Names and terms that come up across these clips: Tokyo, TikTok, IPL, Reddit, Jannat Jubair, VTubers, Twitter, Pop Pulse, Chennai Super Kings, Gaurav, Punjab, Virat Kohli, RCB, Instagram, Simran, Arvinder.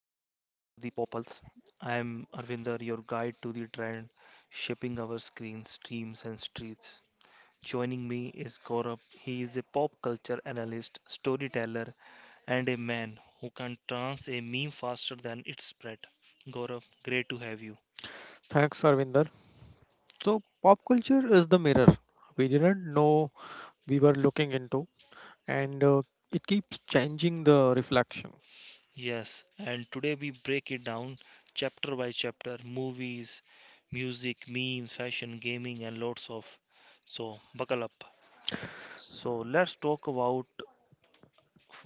the Pop Pulse. I am Arvinder, your guide to the trend shaping our screens, streams and streets. Joining me is Gaurav. He is a pop culture analyst, storyteller and a man who can trance a meme faster than it spread. Gaurav, great to have you. Thanks, Arvinder. So, pop culture is the mirror we didn't know we were looking into, and it keeps changing the reflection. Yes, and today we break it down chapter by chapter, movies, music, memes, fashion, gaming and lots of so buckle up. So let's talk about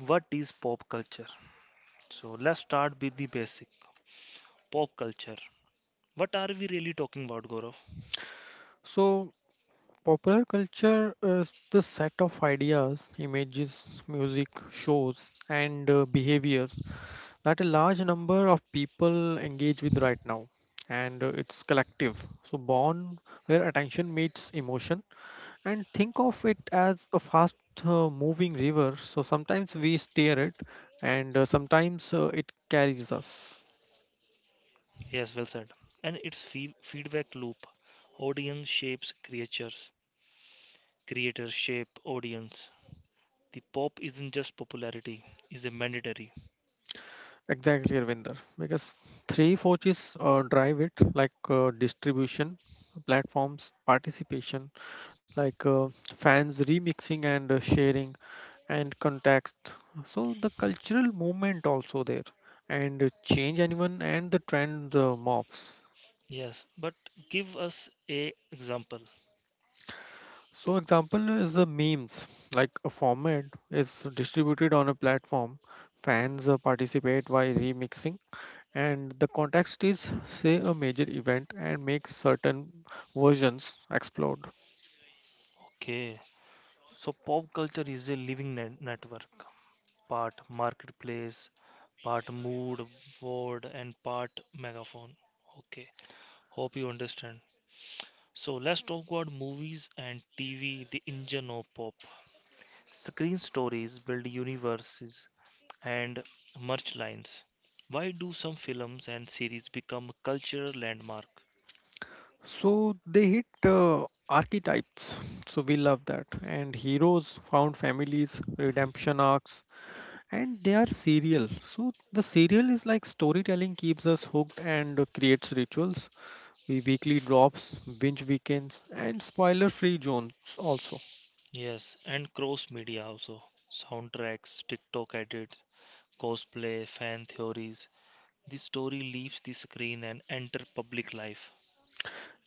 what is pop culture. So let's start with the basic pop culture. What are we really talking about, Gaurav? So, popular culture is the set of ideas, images, music, shows, and behaviors that a large number of people engage with right now, and it's collective. So, born where attention meets emotion. And think of it as a fast moving river. So sometimes we steer it, and sometimes it carries us. Yes, well said. And its feedback loop. Audience shapes creatures. Creators shape audience. The pop isn't just popularity, it's a mandatory. Exactly, Ravinder. Because three forces drive it, like distribution, platforms, participation, like fans remixing and sharing, and context. So the cultural movement also there, and change anyone and the trend morphs. Yes, but give us a example. So example is the memes, like a format is distributed on a platform, fans participate by remixing, and the context is say a major event and make certain versions explode. Okay. So pop culture is a living network, part marketplace, part mood board, and part megaphone. Okay, hope you understand. So let's talk about movies and TV, the engine of pop. Screen stories build universes and merch lines. Why do some films and series become cultural landmark? So they hit archetypes. So we love that. And heroes found families, redemption arcs, and they are serial. So the serial is like storytelling keeps us hooked and creates rituals we weekly drops, binge weekends, and spoiler free zones also. Yes, and cross media also. Soundtracks, TikTok edits, cosplay, fan theories. The story leaves the screen and enter public life.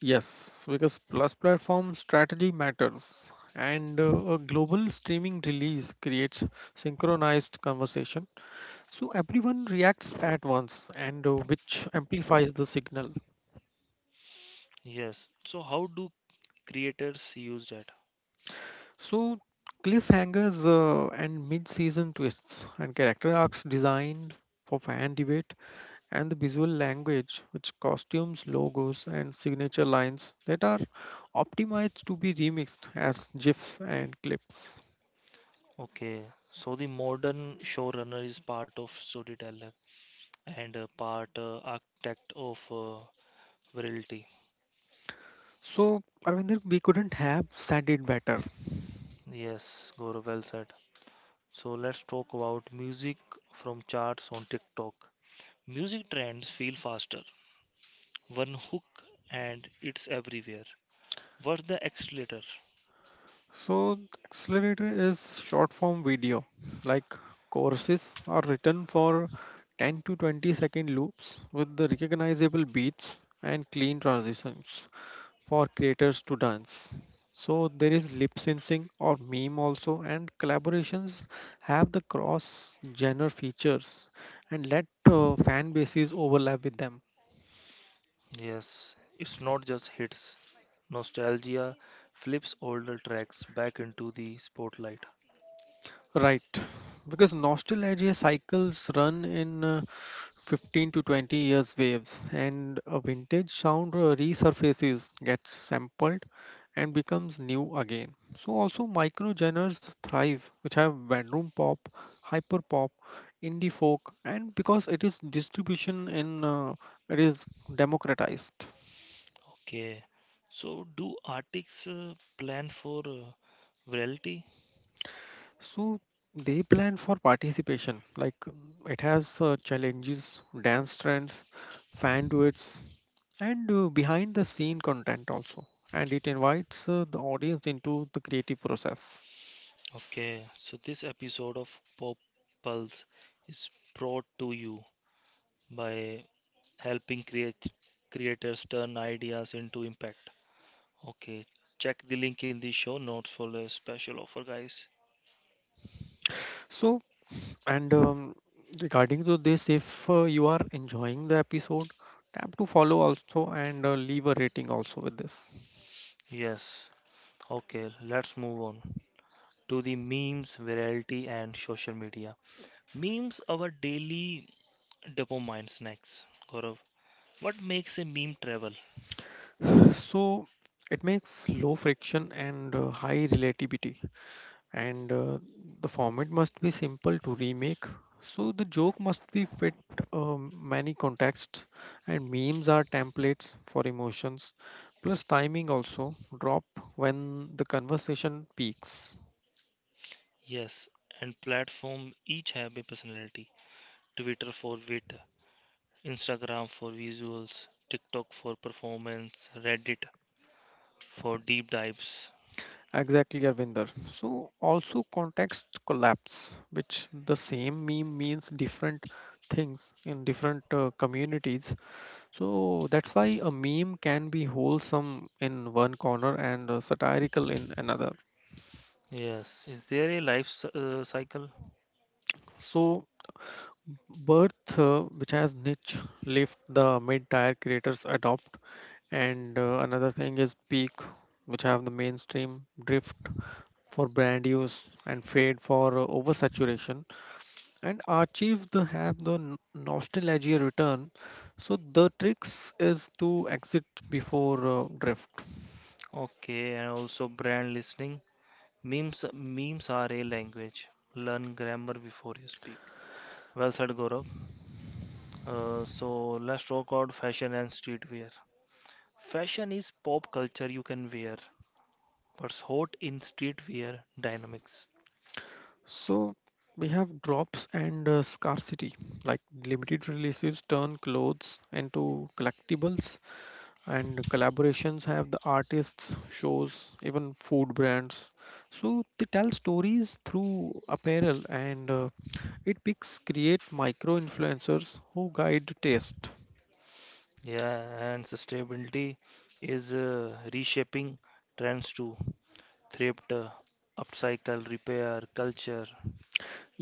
Yes, because plus platform strategy matters, and a global streaming release creates synchronized conversation. So everyone reacts at once, and which amplifies the signal. Yes. So how do creators use data? So cliffhangers and mid-season twists and character arcs designed for fan debate and the visual language, which costumes, logos, and signature lines that are optimized to be remixed as GIFs and clips. Okay, so the modern showrunner is part of storyteller and part architect of virality. So, Arvinder, we couldn't have said it better. Yes, Gaurav, well said. So let's talk about music from charts on TikTok. Music trends feel faster. One hook and it's everywhere. What's the accelerator? So, the accelerator is short form video, like courses are written for 10 to 20 second loops with the recognizable beats and clean transitions. For creators to dance. So there is lip syncing or meme also, and collaborations have the cross genre features and let fan bases overlap with them. Yes, it's not just hits. Nostalgia flips older tracks back into the spotlight. Right, because nostalgia cycles run in 15 to 20 years waves, and a vintage sound resurfaces, gets sampled, and becomes new again. So also micro genres thrive, which have bedroom pop, hyper pop, indie folk, and because it is distribution in it is democratized. Okay. So, do artists plan for virality? So they plan for participation. It has challenges, dance trends, fan duets, and behind the scene content also. And it invites the audience into the creative process. Okay. So, this episode of Pop Pulse is brought to you by helping create creators turn ideas into impact. Okay. Check the link in the show notes for the special offer, guys. So and Regarding to this, if you are enjoying the episode, tap to follow also and leave a rating also with this. Yes. Okay, let's move on to the memes, virality, and social media. Memes are our daily dopamine snacks, Gaurav. What makes a meme travel? So it makes low friction and high relativity and the format must be simple to remake, so the joke must be fit many contexts, and memes are templates for emotions plus timing also drop when the conversation peaks. Yes, and platform each have a personality. Twitter for wit, Instagram for visuals, TikTok for performance, Reddit for deep dives. Exactly, Arvinder. So also context collapse, which the same meme means different things in different communities. So that's why a meme can be wholesome in one corner and satirical in another. Yes, is there a life cycle? So, birth, which has niche left, the mid-tier creators adopt, and another thing is peak, which have the mainstream drift for brand use and fade for oversaturation, and archive the have the nostalgia return. So the tricks is to exit before drift. Okay, and also brand listening. Memes are a language. Learn grammar before you speak. Well said, Gaurav. So let's talk about fashion and streetwear. Fashion is pop culture you can wear. What's hot in streetwear dynamics? So we have drops and scarcity, like limited releases turn clothes into collectibles, and collaborations have the artists shows even food brands, so they tell stories through apparel, and it picks create micro influencers who guide taste. Yeah, and sustainability is reshaping trends to thrift, upcycle, repair, culture.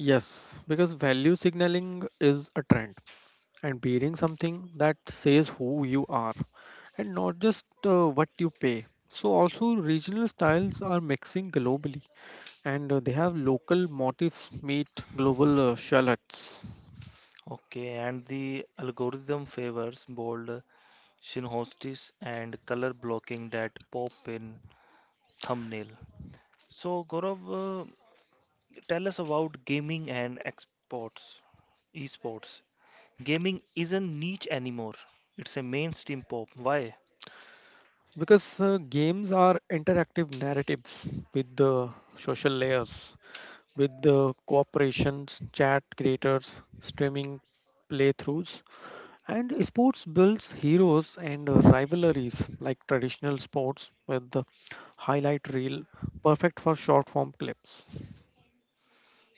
Yes, because value signaling is a trend, and bearing something that says who you are and not just what you pay. So also regional styles are mixing globally, and they have local motifs meet global shallots. Okay, and the algorithm favors bold synchronicities and color blocking that pop in thumbnail. So, Gaurav, tell us about gaming and esports. Gaming isn't niche anymore. It's a mainstream pop. Why? Because games are interactive narratives with the social layers, with the cooperations, chat creators, streaming playthroughs, and sports builds heroes and rivalries like traditional sports with the highlight reel, perfect for short form clips.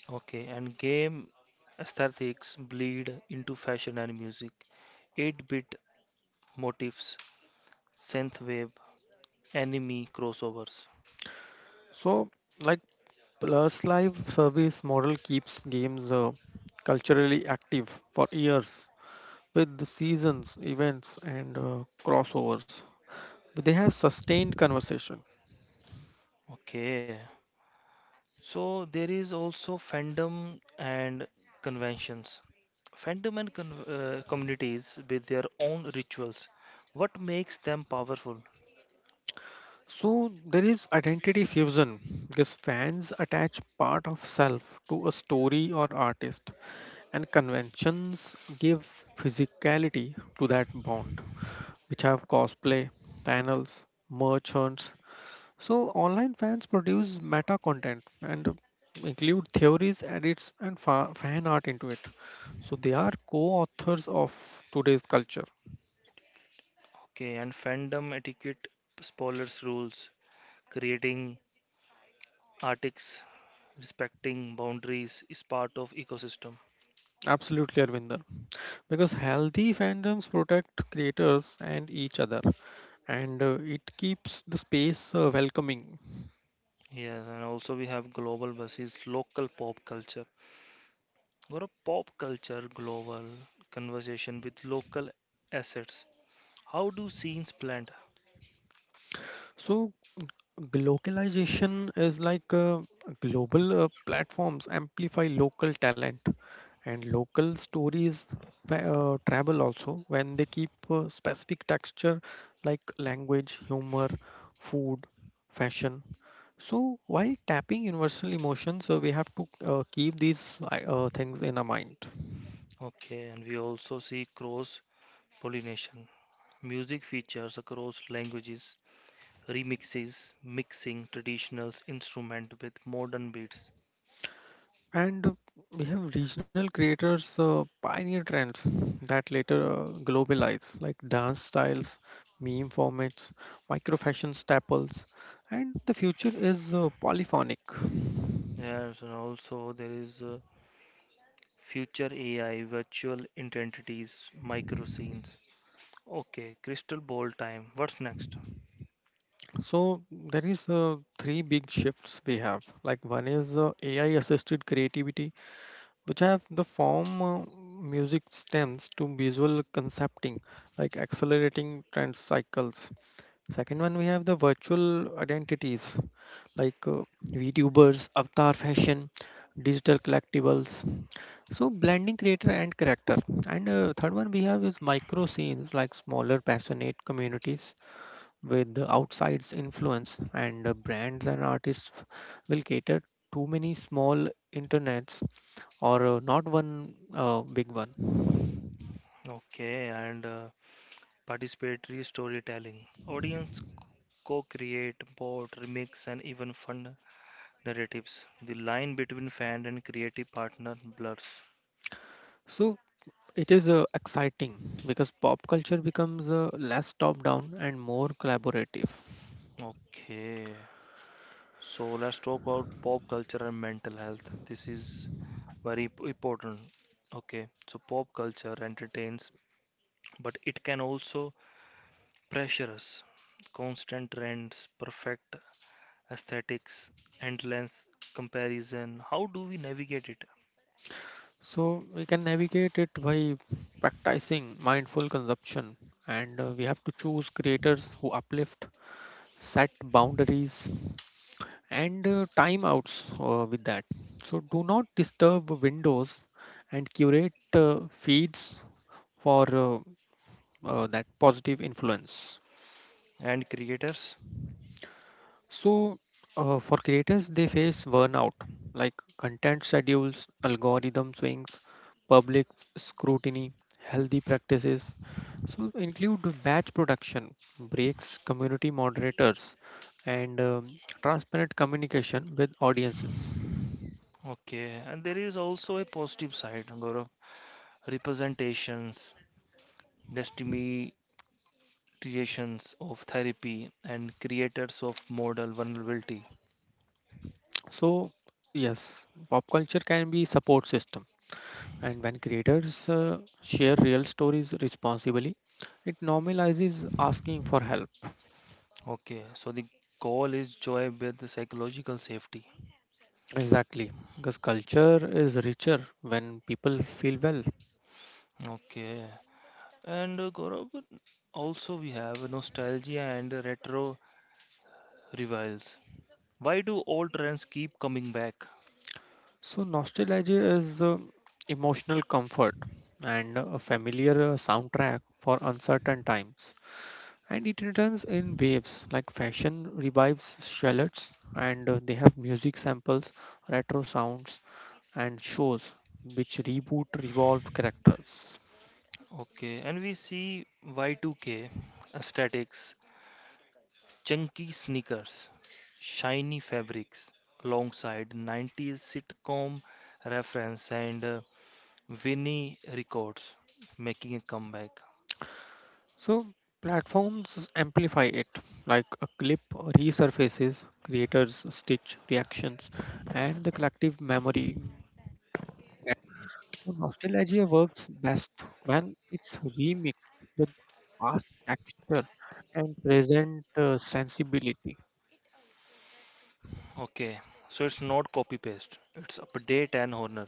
Okay, and game aesthetics bleed into fashion and music. 8-bit motifs, synthwave, anime crossovers. So, like, plus live service model keeps games culturally active for years with the seasons, events, and crossovers. They have sustained conversation. Okay, so there is also fandom and conventions. Fandom and con communities with their own rituals. What makes them powerful? So there is identity fusion because fans attach part of self to a story or artist, and conventions give physicality to that bond, which have cosplay, panels, merch hunts. So online fans produce meta content and include theories, edits, and fan art into it. So they are co-authors of today's culture. Okay, and fandom etiquette, spoilers rules, creating artics, respecting boundaries is part of ecosystem. Absolutely, Arvinder. Because healthy fandoms protect creators and each other, and it keeps the space welcoming. Yes, and also we have global versus local pop culture. Or a pop culture global conversation with local assets. How do scenes blend? So localization is like global platforms amplify local talent, and local stories travel also when they keep specific texture like language humor, food, fashion. So while tapping universal emotions, we have to keep these things in our mind. Okay, and we also see cross pollination. Music features across languages, remixes, mixing traditional instrument with modern beats. And we have regional creators pioneer trends that later globalize, like dance styles, meme formats, micro fashion staples, and the future is polyphonic. Yes, and also there is future AI, virtual identities, micro scenes. Okay, crystal ball time. What's next? So there is three big shifts we have. Like one is AI-assisted creativity, which have the form music stems to visual concepting, like accelerating trend cycles. Second one, we have the virtual identities like VTubers, avatar fashion, digital collectibles. So blending creator and character. And third one we have is micro scenes like smaller passionate communities with the outside's influence, and brands and artists will cater too many small internets or not one big one. Okay, and participatory storytelling. Audience co-create, vote, remix, and even fund narratives. The line between fan and creative partner blurs. So it is exciting because pop culture becomes less top down and more collaborative. Okay, so let's talk about pop culture and mental health. This is very important. Okay, so pop culture entertains, but it can also pressure us. Constant trends, perfect aesthetics, endless comparison. How do we navigate it? So we can navigate it by practicing mindful consumption, and we have to choose creators who uplift, set boundaries, and timeouts with that. So do not disturb windows and curate feeds for that positive influence. And creators. So, for creators, they face burnout like content schedules, algorithm swings, public scrutiny, healthy practices. So, include batch production, breaks, community moderators, and transparent communication with audiences. Okay, and there is also a positive side, Gaurav. Representations, destimatizations of therapy, and creators of model vulnerability. So, yes, pop culture can be support system, and when creators share real stories responsibly, it normalizes asking for help. Okay, so the goal is joy with psychological safety. Exactly, because culture is richer when people feel well. Okay, and Gaurav, also we have nostalgia and retro revivals. Why do old trends keep coming back? So, nostalgia is emotional comfort and a familiar soundtrack for uncertain times. And it returns in waves like fashion revives shallots, and they have music samples, retro sounds, and shows which reboot revolved characters. Okay, and we see Y2K aesthetics, chunky sneakers, shiny fabrics, alongside 90s sitcom reference and Vinnie records making a comeback. So platforms amplify it, like a clip resurfaces, creators stitch reactions, and the collective memory. So nostalgia works best when it's remixed with past texture and present sensibility. Okay, so it's not copy paste, it's update and honor.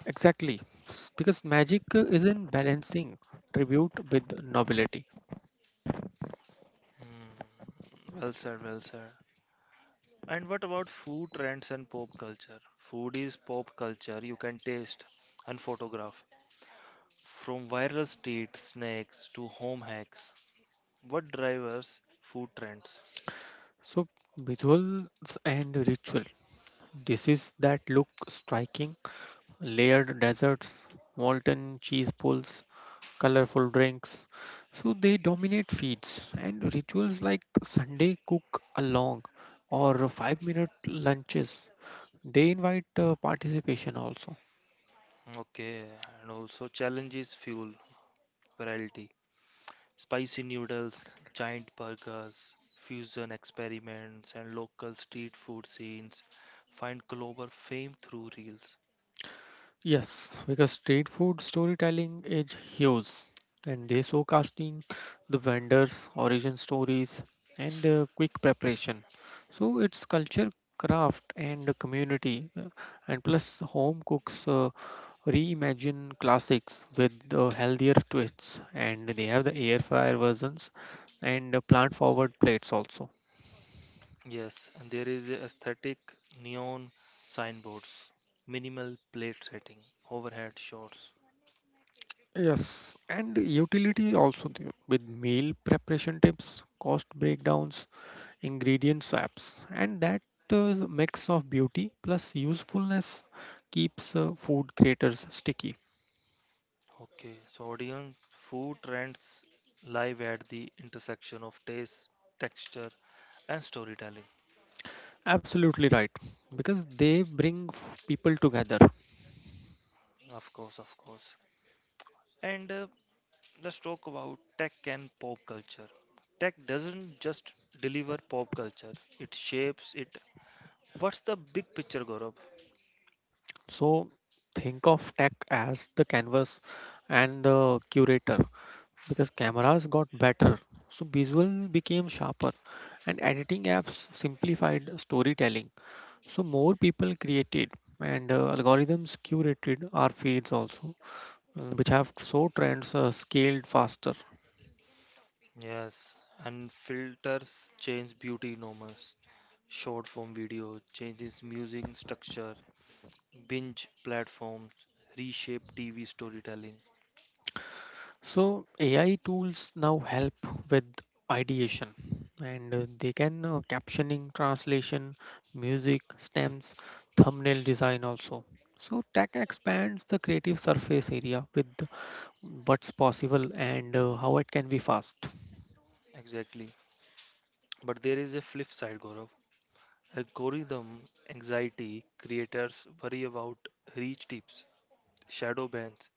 Exactly, because magic is in balancing tribute with nobility. Mm, well said, well said. And what about food trends and pop culture? Food is pop culture you can taste and photograph. From viral street snacks to home hacks, what drivers food trends? So visuals and ritual. This is that look striking layered desserts, molten cheese pulls, colorful drinks. So they dominate feeds, and rituals like Sunday cook along or 5 minute lunches, they invite participation also. Okay, and also challenges fuel variety, spicy noodles, giant burgers, fusion experiments, and local street food scenes find global fame through reels. Yes, because street food storytelling is huge, and they showcasting the vendors' origin stories and quick preparation. So it's culture, craft, and community, and plus home cooks. Reimagine classics with the healthier twists, and they have the air fryer versions and plant forward plates also. Yes, and there is a aesthetic neon signboards, minimal plate setting, overhead shots. Yes, and utility also there with meal preparation tips, cost breakdowns, ingredient swaps, and that is a mix of beauty plus usefulness keeps food creators sticky. Okay, so audience food trends live at the intersection of taste, texture, and storytelling. Absolutely right, because they bring people together. Of course, of course. And let's talk about tech and pop culture. Tech doesn't just deliver pop culture, it shapes it. What's the big picture, Gaurav? So think of tech as the canvas and the curator, because cameras got better. So visual became sharper and editing apps simplified storytelling. So more people created, and algorithms curated our feeds also, which have so trends scaled faster. Yes, and filters change beauty norms, short form video changes music structure, binge platforms reshape TV storytelling. So AI tools now help with ideation, and they can captioning, translation, music, stems, thumbnail design also. So tech expands the creative surface area with what's possible and how it can be fast. Exactly. But there is a flip side, Gaurav. Algorithm anxiety creators worry about reach tips, shadow bans,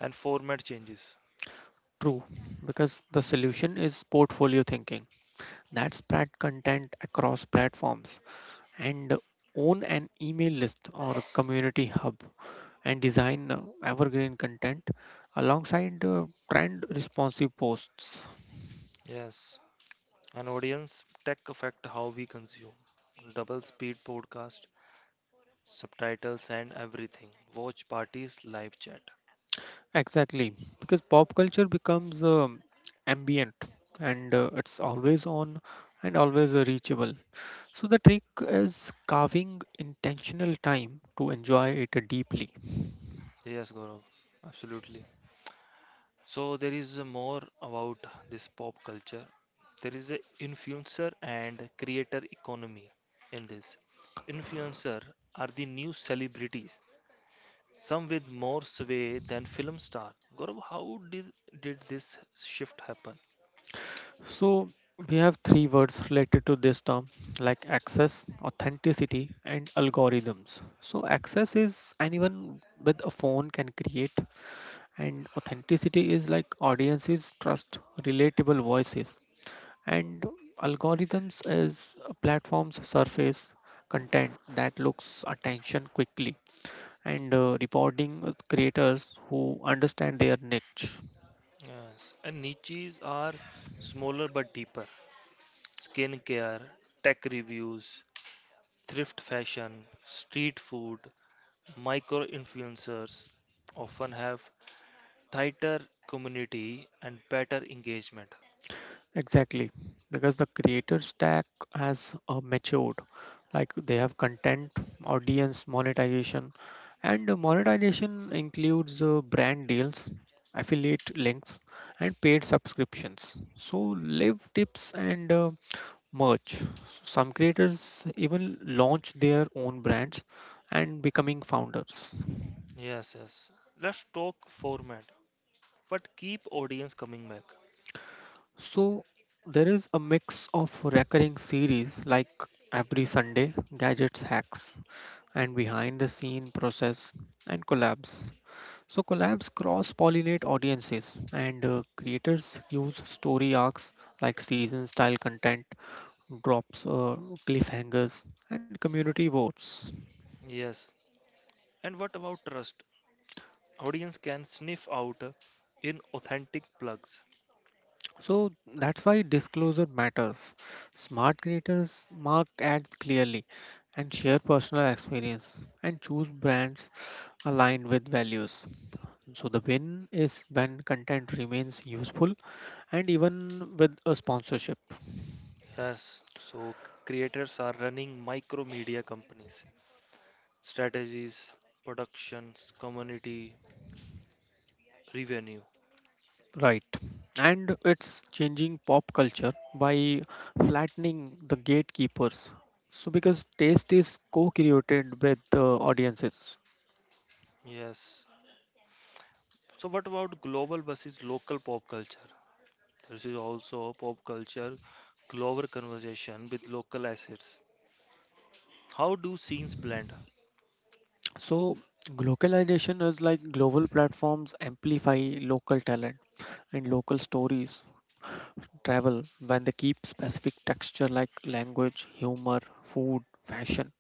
and format changes. True, because the solution is portfolio thinking. That spread content across platforms and own an email list or community hub, and design evergreen content alongside trend responsive posts. Yes, and audience tech affect how we consume. Double speed podcast, subtitles and everything. Watch parties, live chat. Exactly, because pop culture becomes ambient, and it's always on and always reachable. So the trick is carving intentional time to enjoy it deeply. Yes, Gaurav, absolutely. So there is more about this pop culture. There is a influencer and creator economy in this. Influencer are the new celebrities, some with more sway than film star. Gaurav, how did this shift happen? So we have three words related to this term like access, authenticity, and algorithms. So access is anyone with a phone can create, and authenticity is like audiences trust relatable voices, and algorithms as platforms surface content that looks attention quickly and rewarding creators who understand their niche. Yes, and niches are smaller but deeper. Skincare, tech reviews, thrift fashion, street food, micro influencers often have tighter community and better engagement. Exactly, because the creator stack has matured. Like they have content, audience, monetization, and the monetization includes brand deals, affiliate links, and paid subscriptions. So live tips and merch. Some creators even launch their own brands and becoming founders. Yes, yes. Let's talk format. What keep audience coming back? So there is a mix of recurring series like every Sunday gadgets hacks and behind the scene process and collabs. So collabs cross-pollinate audiences, and creators use story arcs like season-style content, drops, cliffhangers, and community votes. Yes. And what about trust? Audience can sniff out in authentic plugs. So that's why disclosure matters. Smart creators mark ads clearly and share personal experience and choose brands aligned with values. So the win is when content remains useful and even with a sponsorship. Yes. So creators are running micro media companies, strategies, productions, community, revenue. Right, and it's changing pop culture by flattening the gatekeepers, so because taste is co-created with the audiences. Yes. So, what about global versus local pop culture? This is also pop culture, global conversation with local assets. How do scenes blend? So globalization is like global platforms amplify local talent, and local stories travel when they keep specific texture like language humor, food, fashion,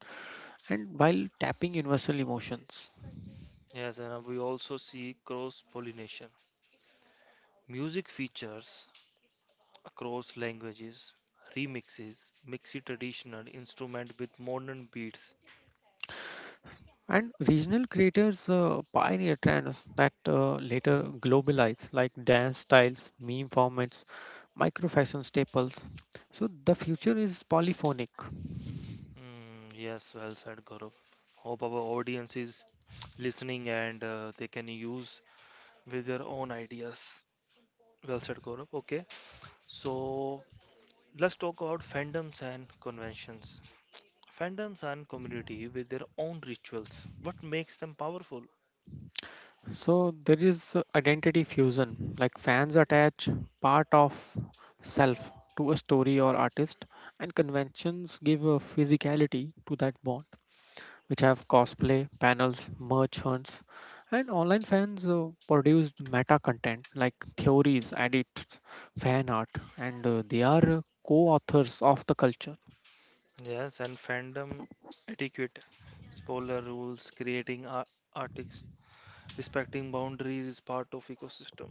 and while tapping universal emotions. Yes, and we also see cross pollination. Music features across languages, remixes, mixing traditional instrument with modern beats. And regional creators pioneer trends that later globalize, like dance styles, meme formats, micro fashion staples. So the future is polyphonic. Mm, yes, well said, Gaurav. Hope our audience is listening and they can use with their own ideas. Well said, Gaurav. Okay, so let's talk about fandoms and conventions. Fandoms and community with their own rituals. What makes them powerful? So there is identity fusion, like fans attach part of self to a story or artist, and conventions give a physicality to that bond, which have cosplay, panels, merch hunts, and online fans produced meta content like theories, edits, fan art, and they are co-authors of the culture. Yes, and fandom etiquette, spoiler rules, creating ar artics, respecting boundaries is part of ecosystem.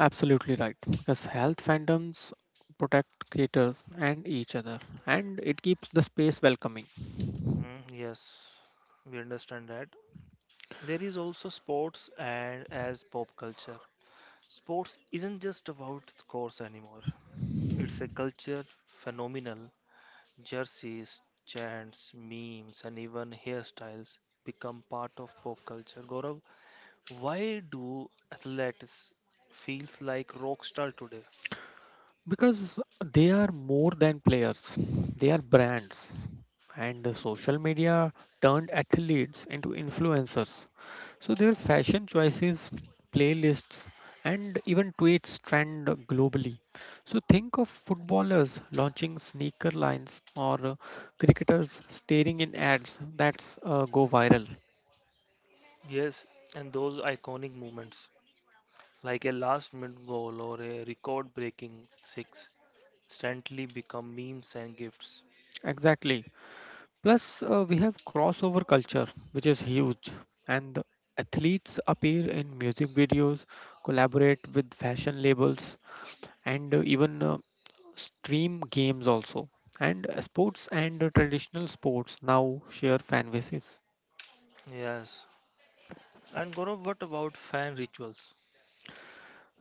Absolutely right. Yes, health fandoms protect creators and each other, and it keeps the space welcoming. Mm, yes, we understand that. There is also sports and as pop culture. Sports isn't just about scores anymore. It's a culture phenomenal. Jerseys, chants, memes, and even hairstyles become part of pop culture. Gaurav, why do athletes feels like rock star today? Because they are more than players, they are brands. And the social media turned athletes into influencers. So their fashion choices, playlists, and even tweets trend globally. So think of footballers launching sneaker lines or cricketers staring in ads that go viral. Yes, and those iconic moments like a last minute goal or a record breaking six instantly become memes and gifts. Exactly. Plus, we have crossover culture, which is huge, and the athletes appear in music videos, collaborate with fashion labels, and even stream games also. And sports and traditional sports now share fan bases. Yes. And Gaurav, what about fan rituals?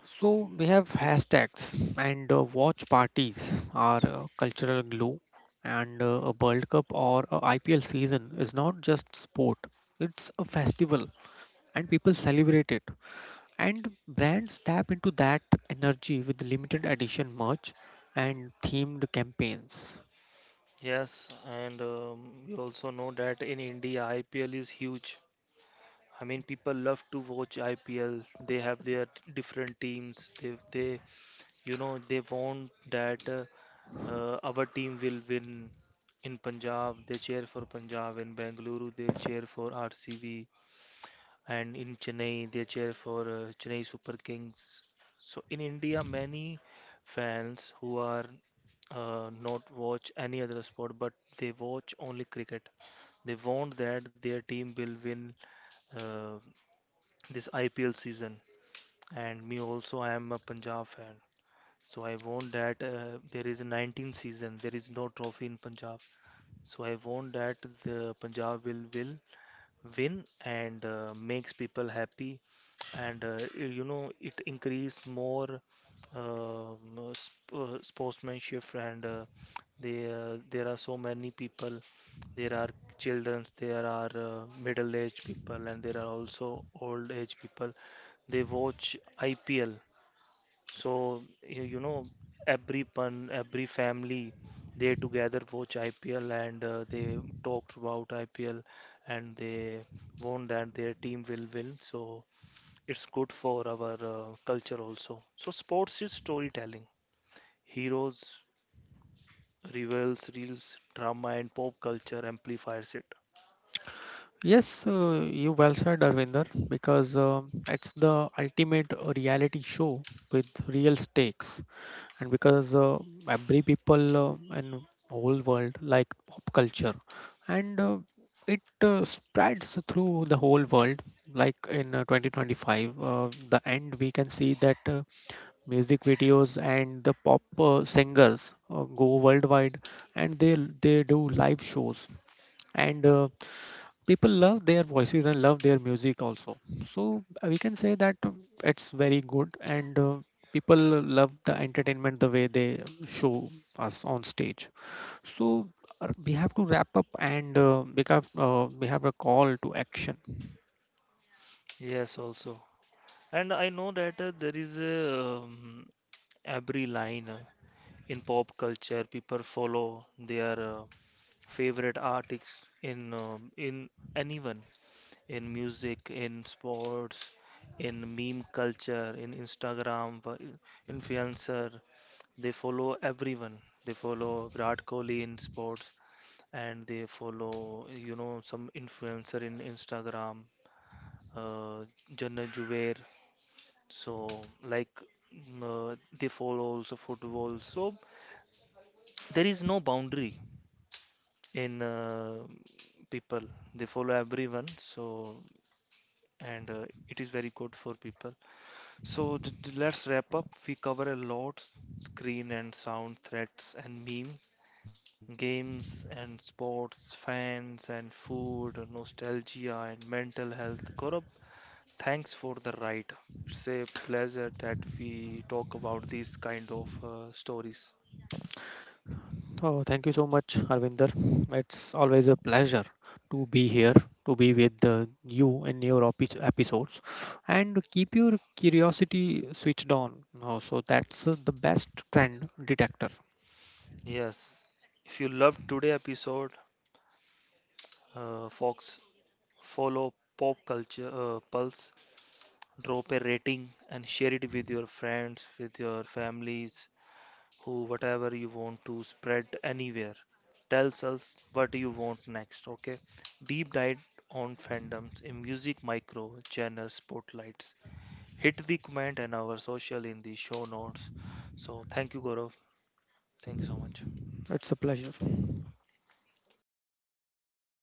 So we have hashtags and watch parties are cultural glue, and a World Cup or a IPL season is not just sport; it's a festival, and people celebrate it. And brands tap into that energy with limited edition merch and themed campaigns. Yes, and we also know that in India, IPL is huge. I mean, people love to watch IPL. They have their different teams. They want that our team will win. In Punjab, they cheer for Punjab. In Bengaluru, they cheer for RCB, and in Chennai they cheer for Chennai Super Kings. So in India, many fans who are not watch any other sport, but they watch only cricket. They want that their team will win uh, this IPL season. And me also, I am a Punjab fan. So I want that there is a 19 season, there is no trophy in Punjab. So I want that the Punjab will win and makes people happy, and it increase more um, sp sportsmanship, and there are so many people, there are childrens, there are middle aged people, and there are also old age people, they watch IPL. So you, you know every family, they together watch IPL and they talked about IPL and they won that their team will win, so it's good for our culture also. So sports is storytelling. Heroes, rivals, reels, drama, and pop culture amplifies it. Yes, you well said, Arvinder, because it's the ultimate reality show with real stakes, and because every people in whole world like pop culture, and it spreads through the whole world. Like in 2025, the end we can see that. Music videos and the pop singers go worldwide, and they do live shows, and people love their voices and love their music also. So we can say that it's very good, and people love the entertainment the way they show us on stage. So we have to wrap up, and because we have a call to action. Yes, also. And I know that there is a every line in pop culture. People follow their favorite artists in anyone, in music, in sports, in meme culture, in Instagram, influencer. They follow everyone. They follow Virat Kohli in sports, and they follow, you know, some influencer in Instagram, uh, Jannat Jubair. So, like, mm, they follow also football. So, there is no boundary in people. They follow everyone. So, and it is very good for people. So, let's wrap up. We cover a lot, screen and sound threats and memes, games and sports, fans and food, nostalgia and mental health. Gaurav, thanks for the ride. It's a pleasure that we talk about these kind of stories. Oh, thank you so much, Arvinder. It's always a pleasure to be here, to be with you in your episodes, and keep your curiosity switched on. No, so that's the best trend detector. Yes, if you loved today episode, Fox, follow Pop Culture Pulse, drop a rating and share it with your friends, with your families, who whatever you want to spread anywhere. Tells us what you want next. Okay, deep dive on fandoms in music, micro genre spotlights. Hit the comment and our social in the show notes. So thank you, Gaurav. Thank you so much. It's a pleasure.